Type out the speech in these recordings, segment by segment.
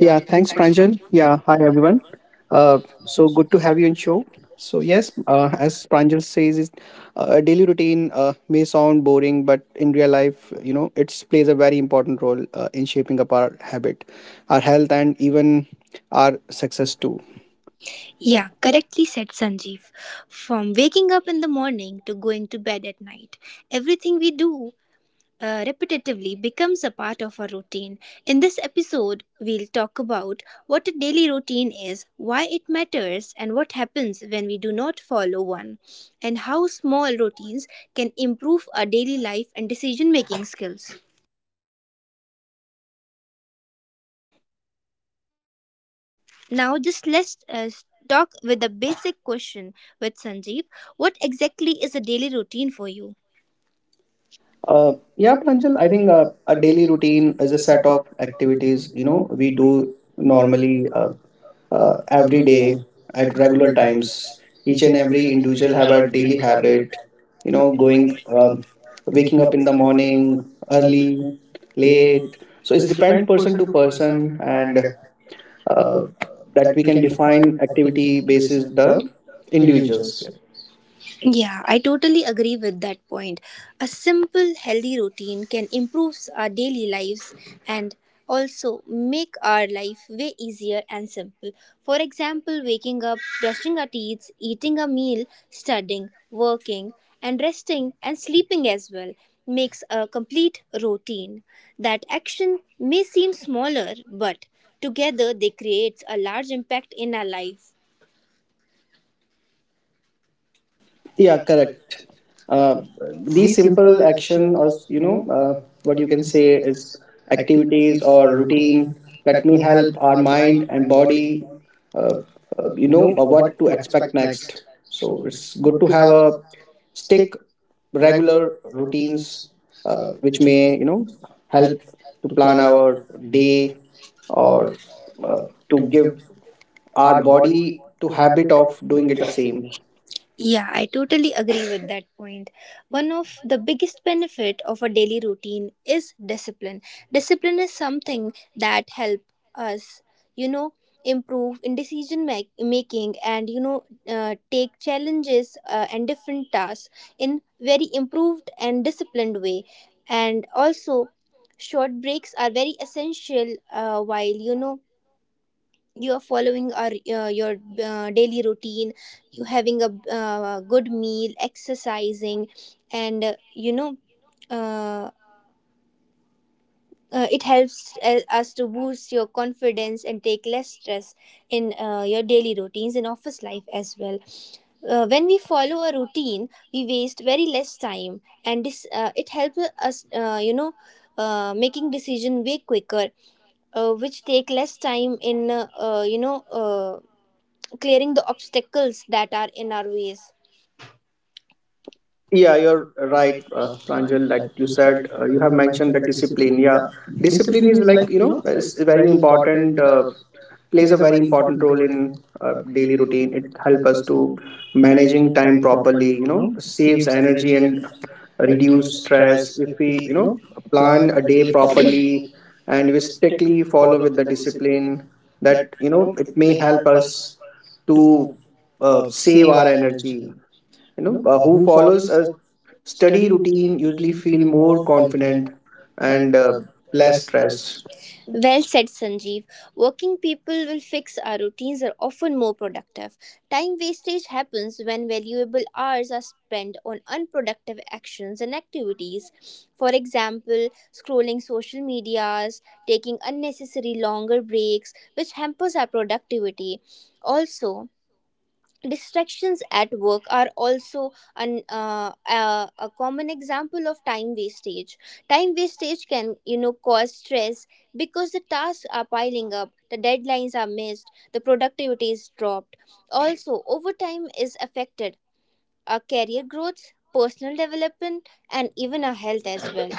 Yeah, Yeah, thanks, thanks, Pranjal. Pranjal. Yeah, Yeah, hi hi everyone. everyone. Uh, Uh, so so good good to to have have you you on in the show. show. So So yes, yes, as as Pranjal says, is a daily routine may sound boring, but in real life, it plays a very important role in shaping up our habit, our health, and even our success too. Yeah, Yeah, that is. correctly said Sanjeev. From waking up in the morning to going to bed at night, everything we do repetitively becomes a part of our routine. In this episode, we'll talk about what a daily routine is, why it matters, and what happens when we do not follow one, and how small routines can improve our daily life and decision making skills. Now, just let's talk with the basic question with Sanjeev. What exactly is a daily routine for you? Yeah, Pranjal, I I think think a a daily daily routine routine is is a a set set of of activities, activities, you know, we we do do normally normally every every day day at at regular regular times. times. Each Each and and every every individual individual have have a a daily daily habit, habit. you You know, know, going, going, um waking waking up up in in the the morning, morning early, early, late. late. So So it's it's depend depend person person to to person, person, and and uh, uh, that that we we can can define define activity activity basis basis the the individuals. individuals. Yeah, I totally agree with that point. A simple, healthy routine can improve our daily lives and also make our life way easier and simple. For example, waking up, brushing our teeth, eating a meal, studying, working, and resting and sleeping as well makes a complete routine. That action may seem smaller, but together they create a large impact in our life. Yeah, correct. Uh, these These simple simple action action, or or you know what what you you can can say is activities activities or or routine routine that that may may help help our our mind mind and and body body, uh, uh, what what to to expect expect next, next. so So it's it's good good to to have have a a stick regular regular routines routines, which which may help help to to plan plan our our day day, or or uh, uh, to to give give our our body body to to habit habit of of doing doing it it the the same. same. Yeah, I totally agree with that point. One of the biggest benefit of a daily routine is discipline. Discipline is something that help us, you know, improve in decision making and take challenges and different tasks in very improved and disciplined way. And also, short breaks are very essential while, you know, you are following your daily routine, you having a good meal, exercising, and uh, it helps us to boost your confidence and take less stress in your daily routines, in office life as well. When we follow a routine, we waste very less time, and this, it helps us, making decision way quicker, which take less time in clearing the obstacles that are in our ways. Yeah, Yeah, you're you're right, right, Pranjal, Pranjal, that that you you said, said, you you have have mentioned mentioned the that discipline. discipline. Yeah, Yeah, discipline discipline is is like, like, you know, it's it's very very important, important, plays plays a a very very important important role role in in daily daily routine. routine. It It helps helps us us to to managing managing time time properly, properly, you know, saves saves energy energy and and reduce reduce stress stress. if If we, we you know, plan plan a a day day properly, properly and and we strictly we follow follow with the discipline, discipline that, that, you know, it it may may help help us to to save save our our energy. energy. You you know know, uh, who who follow follows a study study routine routine usually feel feel more more confident confident and and uh, less less stressed. stressed. Well said, Sanjeev. Working people will fix our routines are often more productive. Time wastage happens when valuable hours are spent on unproductive actions and activities. For example, scrolling social medias, taking unnecessary longer breaks, which hampers our productivity. Also, distractions at work are also a common example of time wastage. Time wastage can, you know, cause stress because the tasks are piling up, the deadlines are missed, the productivity is dropped. Also, overtime is affected our career growth, personal development, and even our health as well.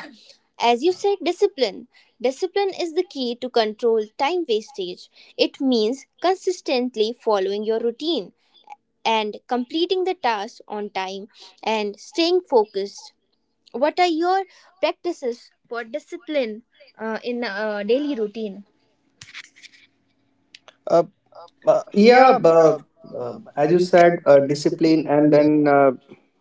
As you said, discipline. Discipline is the key to control time wastage. It means consistently following your routine and completing the task on time and staying focused. What are your practices for discipline, in daily routine? Uh, Uh, yeah, yeah, but but as as you you said, said, discipline and and then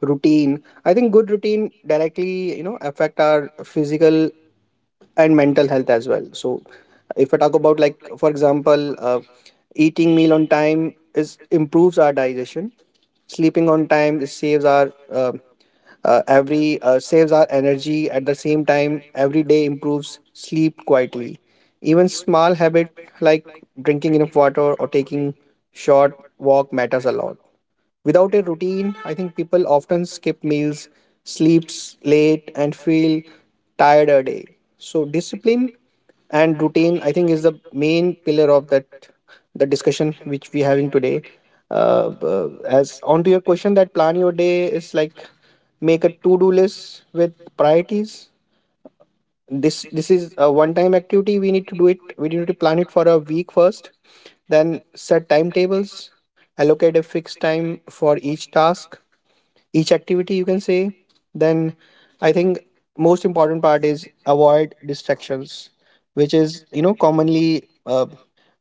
routine. I think good routine directly, affect our physical and mental health as well. So, if I talk about, like, for example, eating meal on time is improves our digestion. Sleeping on time saves our energy at the same time every day improves sleep quietly, even small habit like drinking enough water or taking short walk matters a lot. Without a routine, I think people often skip meals, sleeps late, and feel tired a day. So discipline and routine, I think, is the main pillar of that the discussion which we having today. As on to your question, that plan your day is like make a to do list with priorities. This is a one time activity. We need to do it. We need to plan it for a week first, then set timetables, allocate a fixed time for each task, each activity you can say. Then I think most important part is avoid distractions, which is, commonly uh,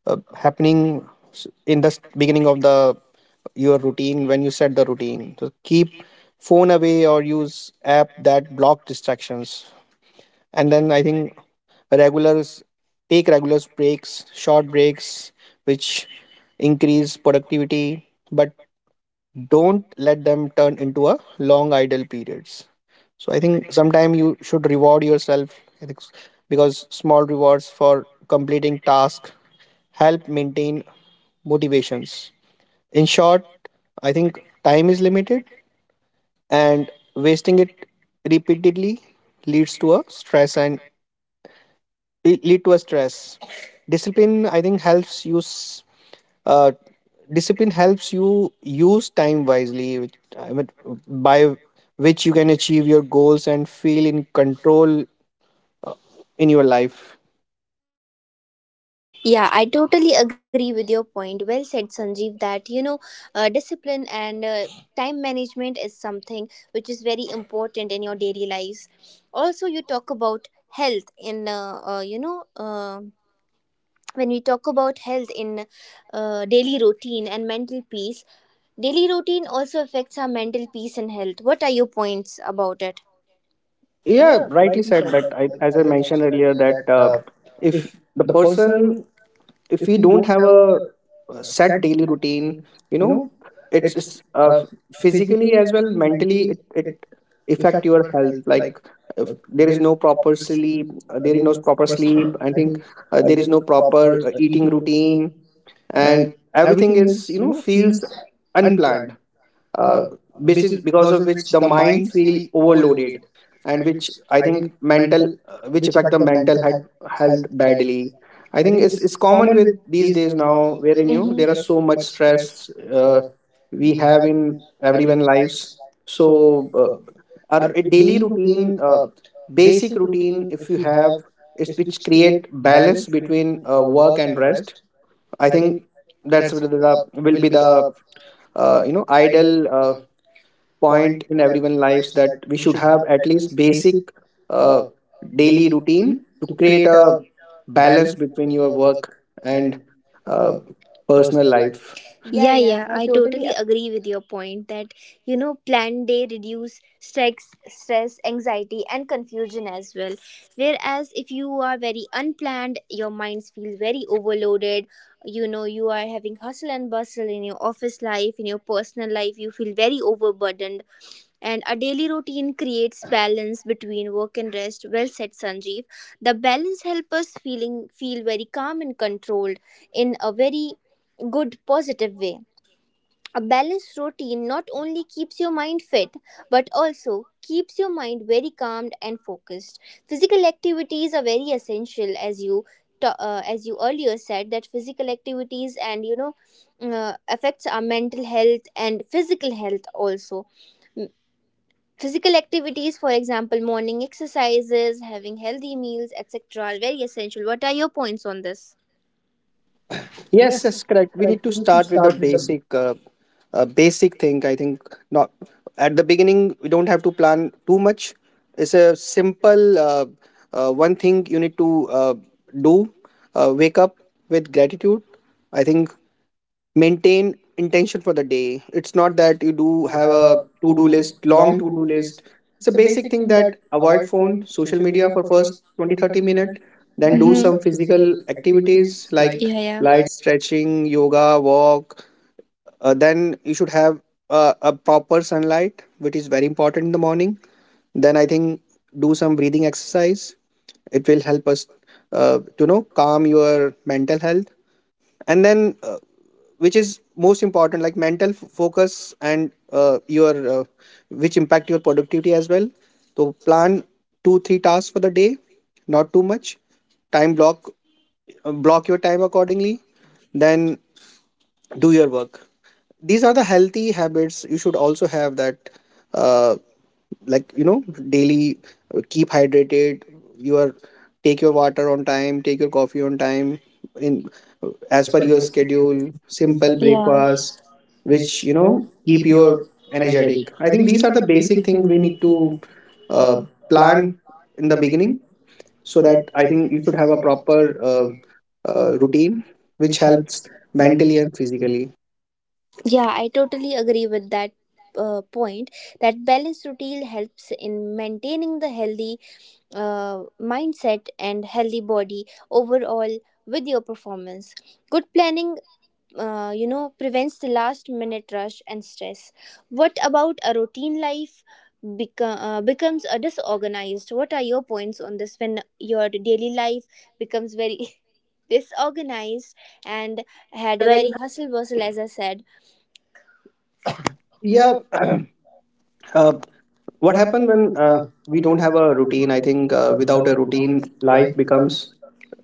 uh, happening in the beginning of the your routine when you set the routine. So keep phone away or use app that block distractions. And then I think regulars take regulars breaks, short breaks, which increase productivity, but don't let them turn into a long idle periods. So I think sometime you should reward yourself. I think s- because small rewards for completing tasks help maintain motivations. In short, I think time is limited, and wasting it repeatedly leads to a stress, le- lead to a stress discipline I think helps you s- uh, discipline helps you use time wisely, which, I mean, by which you can achieve your goals and feel in control in your life. yeah, I totally agree with your point. Well said, Sanjeev, that, you know, discipline and time management is something which is very important in your daily lives. Also, you talk about health in, you know, when we talk about health in daily routine and mental peace. Daily routine also affects our mental peace and health. What are your points about it? Yeah, Yeah, rightly rightly said said that. that, As I mentioned earlier that, that if if the the person person, if if we we don't don't have have a a, set set daily daily, routine, you you know know, it's, it, it's uh, uh, f- physically physically as as well well mentally, mentally, it affect your health. health Like, like, if there there is is no no proper sleep sleep, there is there is no no proper sleep, sleep, I I think think, there there is is no no proper proper eating eating, routine, and and everything everything is, is, you know, feels feels unplanned, unplanned, uh, uh, which which is is because because of of which which the the mind mind feel feel overloaded, overloaded, and and which, I I think, think mental mental, which which affect affect the the mental mental health health badly. badly. I I think think it's it's, it's it's common common with with these these days days now, now, wherein wherein, you you know, mhm, there there are so much are stress stress, uh, we we have have in in everyone everyone lives. lives. So So our our daily daily routine, routine, basic basic routine routine, if if you you have, have, is is which which create create balance balance, between work work and and rest. rest. I I think think that's will the the, will will be be the, the ideal point point in everyone's lives that we should to have have at at least least basic uh, uh, daily daily routine to to create create a a balance balance, between your work and and uh, uh, personal personal. life. Yeah, Yeah, yeah, yeah, I I totally totally agree with your point that, you know, plan day reduce stress, anxiety, and confusion as well. Whereas if you are very unplanned, your minds feel very overloaded. You know, you are having hustle and bustle in your office life, in your personal life. You feel very overburdened, and a daily routine creates balance between work and rest. Well said, Sanjeev. The balance helps us feeling feel very calm and controlled in a very good, positive way. A balanced routine not only keeps your mind fit but also keeps your mind very calmed and focused. Physical activities are very essential, as you as you earlier said that physical activities and, you know, affects our mental health and physical health also. M- Physical activities, for example, morning exercises, having healthy meals, etc., are very essential. What are your points on this? Yes, Yes, that's correct. correct. We We need need to to start start with with the the, basic thing. I think, not at the beginning, we don't have to plan too much. It's a simple one thing you need to do. Wake up with gratitude. I think maintain intention for the day. It's not that you we do do have have a a to do to-do list, list, long long to do to-do list. list. It's a It's a basic basic thing thing that that avoid avoid phone, phone, social social media media, for for first 20-30 minutes. that Then do do hmm some some physical physical activities, activities like, like, yeah, yeah, yeah, like light stretching, yoga, walk. Then you should have a proper sunlight, which is very important in the morning. Then I think do some breathing exercise. It will help us to know calm your mental health. And then, which is most important, like mental focus, and your which impact your productivity as well. So plan two three tasks for the day, not too much. Time block, block your time accordingly. Then do your work. These are the healthy habits you should also have, that uh, like, daily, keep hydrated. You are Take your water on time, take your coffee on time, in as as per per your your simple, schedule. Simple, yeah, yeah, breakfast, breakfast, which, which, you know, keep keep your your energetic. energetic. I I think think these these are are the the basic basic things things we we need need to, to uh, uh, plan plan in in the the beginning, beginning so so that that I think you should have a proper uh, uh, uh, routine which which helps helps mentally mentally. and physically. Yeah, I totally agree with that point. That balanced routine helps in maintaining the healthy mindset and healthy body overall, with your performance, good planning, you know, prevents the last minute rush and stress. What about a routine life becomes a disorganized? What are your points on this when your daily life becomes very disorganized and Had had a a very very hustle bustle, as I said. Yeah. Yeah, Um, uh, uh, what what happens happens when when we we don't don't have have a a routine? routine? I I think, think, without without a a routine, routine, life life becomes becomes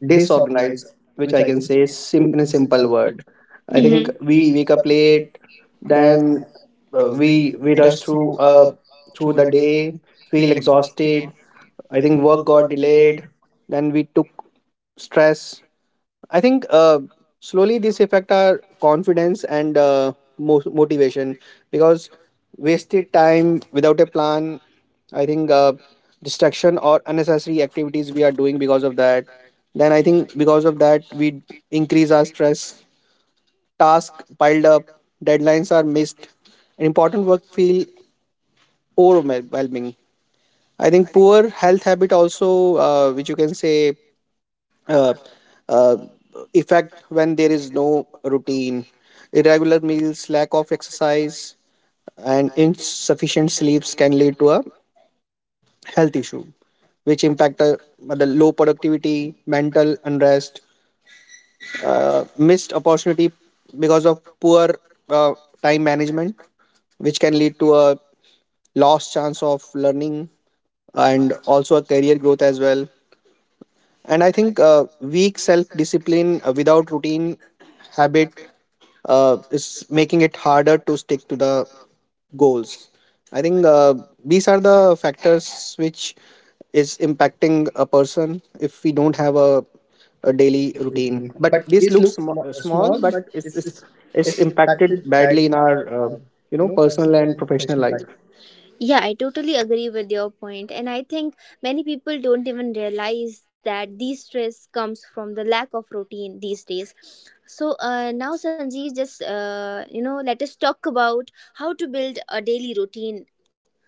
disorganized, disorganized, which which I I can can say say in in a a simple simple word. I think, word. I think mm-hmm, we we wake wake up up late, late, then then uh, uh, we we we we rush rush through uh through through the, the day, feel feel exhausted, exhausted. I think work got forgot, delayed, then then we took stress. I think, slowly this affect our confidence and motivation because wasted time without a plan. I think distraction or unnecessary activities we are doing because of that. Then I think because of that we increase our stress. Task piled up, deadlines are missed, and important work feel overwhelming. I think poor health habit also, which you can say uh, uh, effect when there is no routine. Irregular meals, lack of exercise, and insufficient sleeps can lead to a health issue, which impact the low productivity, mental unrest, missed opportunity because of poor uh, time management, which can lead to a lost chance of learning and also a career growth as well. And I think weak self discipline without routine habit is making it harder to stick to the goals. I think these are the factors which is impacting a person if we don't have a, we, a a daily daily routine. routine, But but this this looks looks small, small, but but it's, it's it's it's impacted impacted badly badly in in our our, uh, you know, personal personal and and professional professional life. life. Yeah, I totally agree with your point, and I think many people don't even realize that these stress comes from the lack of routine these days. So, now, Sanjeev, just, you know, let us talk about how to build a daily routine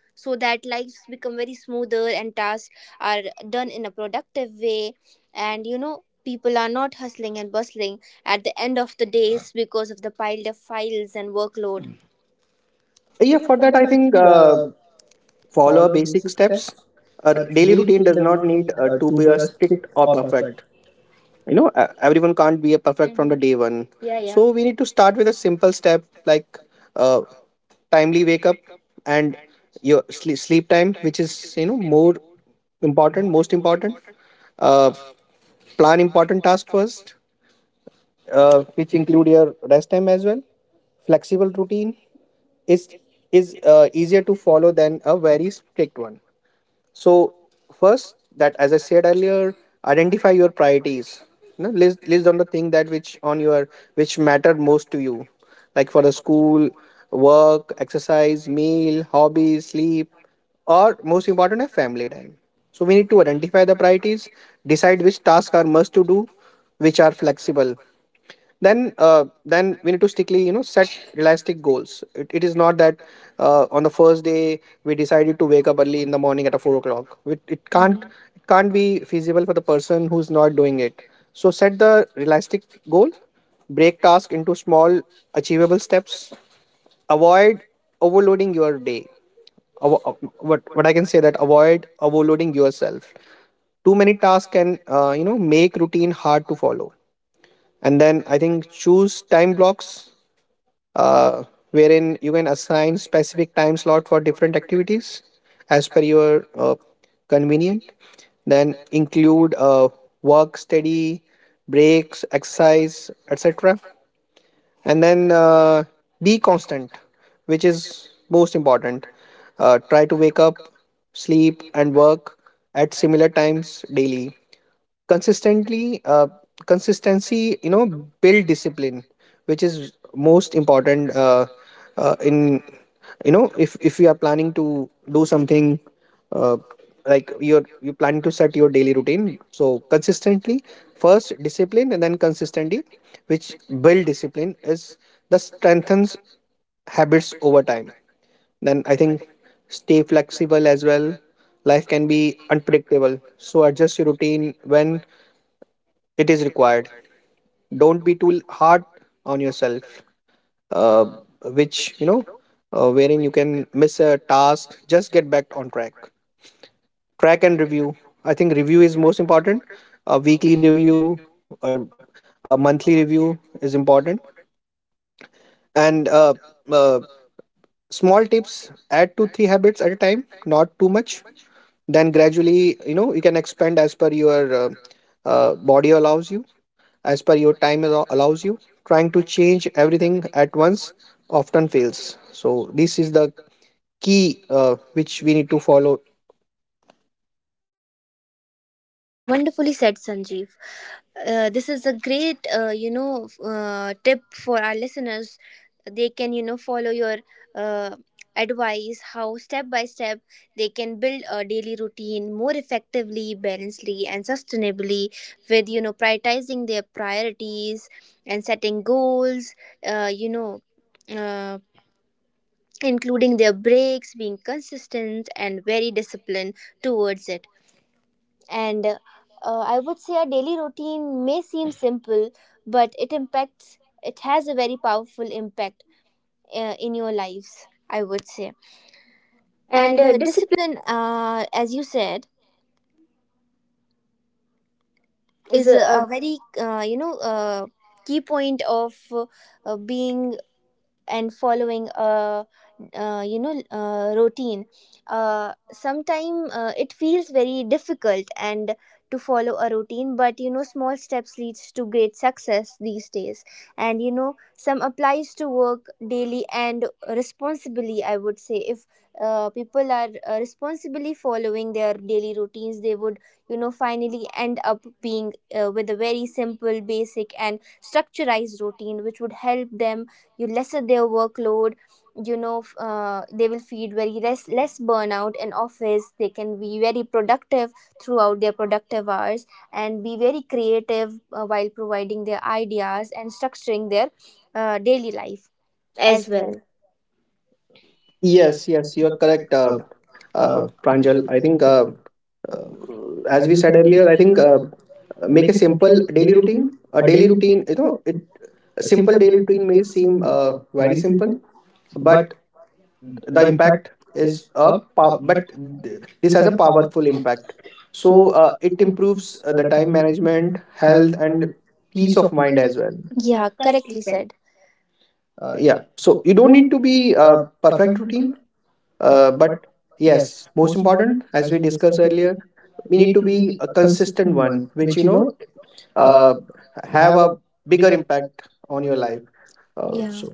so that lives become very smoother and tasks are done in a productive way, and, you know, people are not hustling and bustling at the end of the days because of the piled up files and workload. Yeah, for that I I think think follow follow basic basic steps. steps. A A daily daily routine routine does does not not need need to to be be a a strict strict or or perfect. perfect. Everyone can't be a perfect from the day one. Yeah, yeah. So we need to start with a simple step like, uh, timely wake up and your sleep time, which is, more important, most important. uh, Plan important task first, which include your rest time as well. Flexible routine is is easier to follow than a very strict one. So first, that as I said earlier, identify your priorities. List on the thing that which on your which matter most to you, like for the school, work, exercise, meal, hobbies, sleep, or most important, a family time. So we need to identify the priorities, decide which tasks are must to do, which are flexible, then we need to strictly set realistic goals. It is not that on the first day we decided to wake up early in the morning at a 4 o'clock. It can't be feasible for the person who's not doing it. So set the realistic goal, break task into small achievable steps, avoid overloading your day. Avo- uh, what I can say that avoid overloading yourself. Too many tasks can make routine hard to follow. And then I think choose time blocks, uh, wherein you can assign specific time slot for different activities as per your convenient. Then include work, study, breaks, exercise, etc. And then be constant, which is most important. Try to wake up, sleep and work at similar times daily consistently. Consistency build discipline, which is most important. In, if you are planning to do something, uh, like you planning to set your daily routine, so consistently, first discipline and then consistently, which build discipline is the strengthens habits over time. Then I think stay flexible as well. Life can be unpredictable, so adjust your routine when it is required. Don't be too hard on yourself. Uh, which you know Wherein you can miss a task, just get back on track. Track and review. I think review is most important. A weekly review or a monthly review is important. And uh, small tips, add two three habits at a time, not too much. Then gradually you can expand as per your body allows you, as per your time allows you. Trying to change everything at once often fails, so this is the key which we need to follow. Wonderfully said, Sanjeev. This is a great, you know, tip for our listeners. They can, you know, follow your uh, advice, how step by step they can build a daily routine more effectively, balancedly, and sustainably, with, you know, prioritizing their priorities and setting goals, you know, uh, including their breaks, being consistent and very disciplined towards it. And I would say our daily routine may seem simple, but it impacts, it has a very powerful impact in your lives, I would say. And And discipline Discipline, as you said, is is a, a very, key point of being and following a routine. Sometime it feels very difficult and to follow a routine, but you know, small steps leads to great success these days, and you know, some applies to work daily and responsibly. I would say if people are responsibly following their daily routines, they would, you know, finally end up being with a very simple, basic, and structurized routine which would help them you lessen their workload. You know, they will feel very less burnout in office. They can be very productive throughout their productive hours and be very creative while providing their ideas and structuring their daily life as as well. well. Yes, yes, you are correct. Uh, uh, Pranjal, I think, uh, uh, as as we you said said earlier, earlier, I I think think make a make a simple simple daily daily routine. routine. A A daily daily routine, routine, you know, it a simple simple daily daily routine may routine seem seem very very simple, simple, but. but the The impact impact is is a a but but this this has has a a power. powerful impact. So So it improves the the time time management, management, health health, and and peace peace of of mind mind as as well. well. Yeah, Yeah, correctly correctly said. said. Yeah, Yeah, so you we don't don't need need to to be be a perfect perfect routine, routine. But But yes, yes, most most important, important, as we as we discussed discussed, earlier, we we need need to to be be a a consistent consistent one, one, which which you know, uh, uh, have have a a bigger bigger impact impact on on your your life. life. Yeah. Yeah. So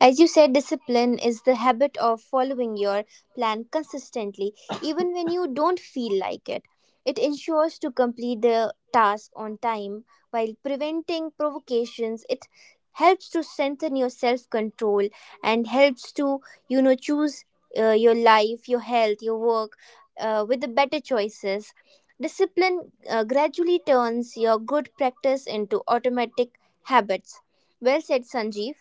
As you said, discipline is the habit of following your plan consistently, even when you don't feel like it. It ensures to complete the task on time while preventing provocations. It helps to strengthen your self control and helps to, you know, choose your life, your health, your work with the better choices. Discipline gradually turns your good practice into automatic habits. Well said, Sanjeev.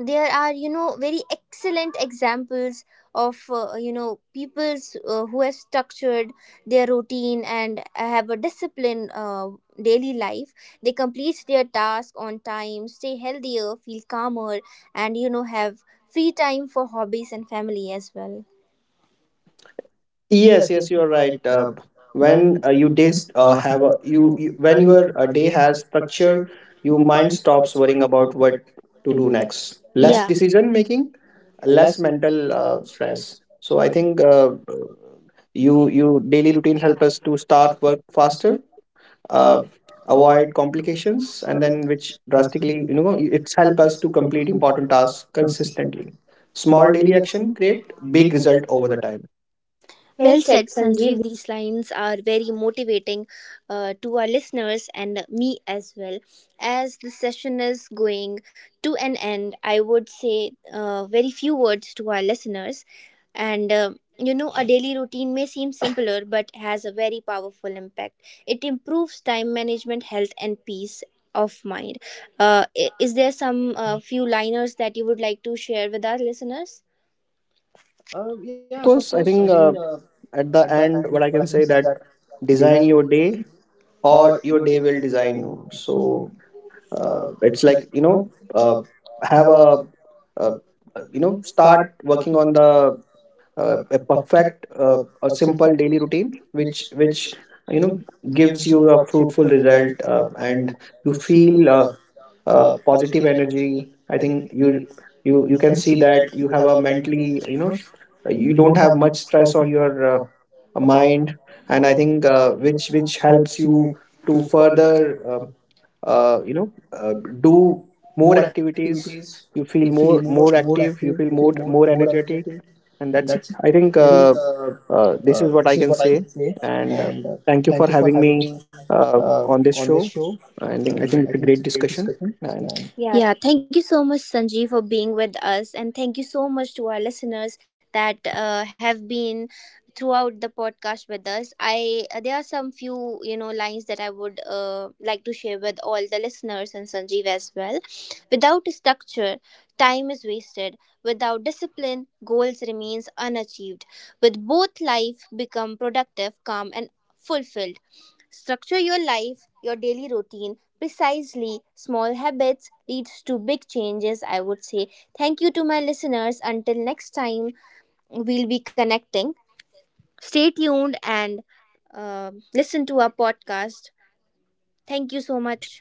There are, you know, very excellent examples of, you know, peoples who have structured their routine and have a disciplined daily life. They complete their task on time, stay healthier, feel calmer, and you know, have free time for hobbies and family as well. yes, Yes, yes, yes, you are you're right. right. When When you you days just have have a, a you, you when when your your day day has has structure, structure, your your mind mind stops stops worrying worrying about about what what to to do do next. next. Less, Less, yeah, yeah, decision decision making, making, less less mental mental stress. stress. So So I I think think you you you daily routine help us to start start work faster, uh, uh, avoid avoid complications, decisions, and and then then which which drastically drastically it's help help us us to to complete complete important important tasks tasks. Consistently. Small Small daily daily action action create create big big result results over over the the time. time. Well Well said, said, Sanjeev. Sanjeev. These lines are very motivating to our listeners and me as well. As the session is going to an end, I would say very few words to our listeners. And you know, a daily routine may seem simpler but has a very powerful impact. It improves time management, health, and peace of mind. Is there some few liners that you would like to share with our listeners? Yes, Yes, of of course. course. I I think think at at the the end, what what I I can can say that design design your day or or your your day day will will design design you. you. So So it's it's like, like, you know, uh, uh, have have a, a uh, uh, you know, start start working working on on the, the uh, perfect, a simple daily routine, which which which which you you know know, gives gives you you a a fruitful fruitful result, result, and and you you feel feel positive positive. energy. I I think think you you you you you you can can see see that that you you have have a a mentally, mentally, you know, you you don't don't have have much much stress stress on on your your mind. mind. And And I I think think which which helps helps you you to to further further uh, uh, uh, you know uh, uh, do do more more activities. activities. You You feel feel more more more more active, active, you you feel feel more more more more energetic. energetic. And And that's it, that's it. I I think. think This is this what is I what can I can say. say. And And thank you for thank you for having me having me uh, on this on show. this show. i think And i think I it's a think it's great a great discussion. discussion. And And yeah, yeah, thank you so much, Sanjeev, for being with us. And thank you so much to our listeners that have been throughout the podcast with us. I there are some few, you know, lines that I would like to share with all the listeners and Sanjeev as well. Without structure, time is wasted. Without discipline, goals remains unachieved. With both, life become productive, calm, and fulfilled. Structure your life, your daily routine precisely. Small habits leads to big changes, I would say. Thank you to my listeners. Until next time, we'll be connecting. Stay tuned and listen to our podcast. Thank you so much. much.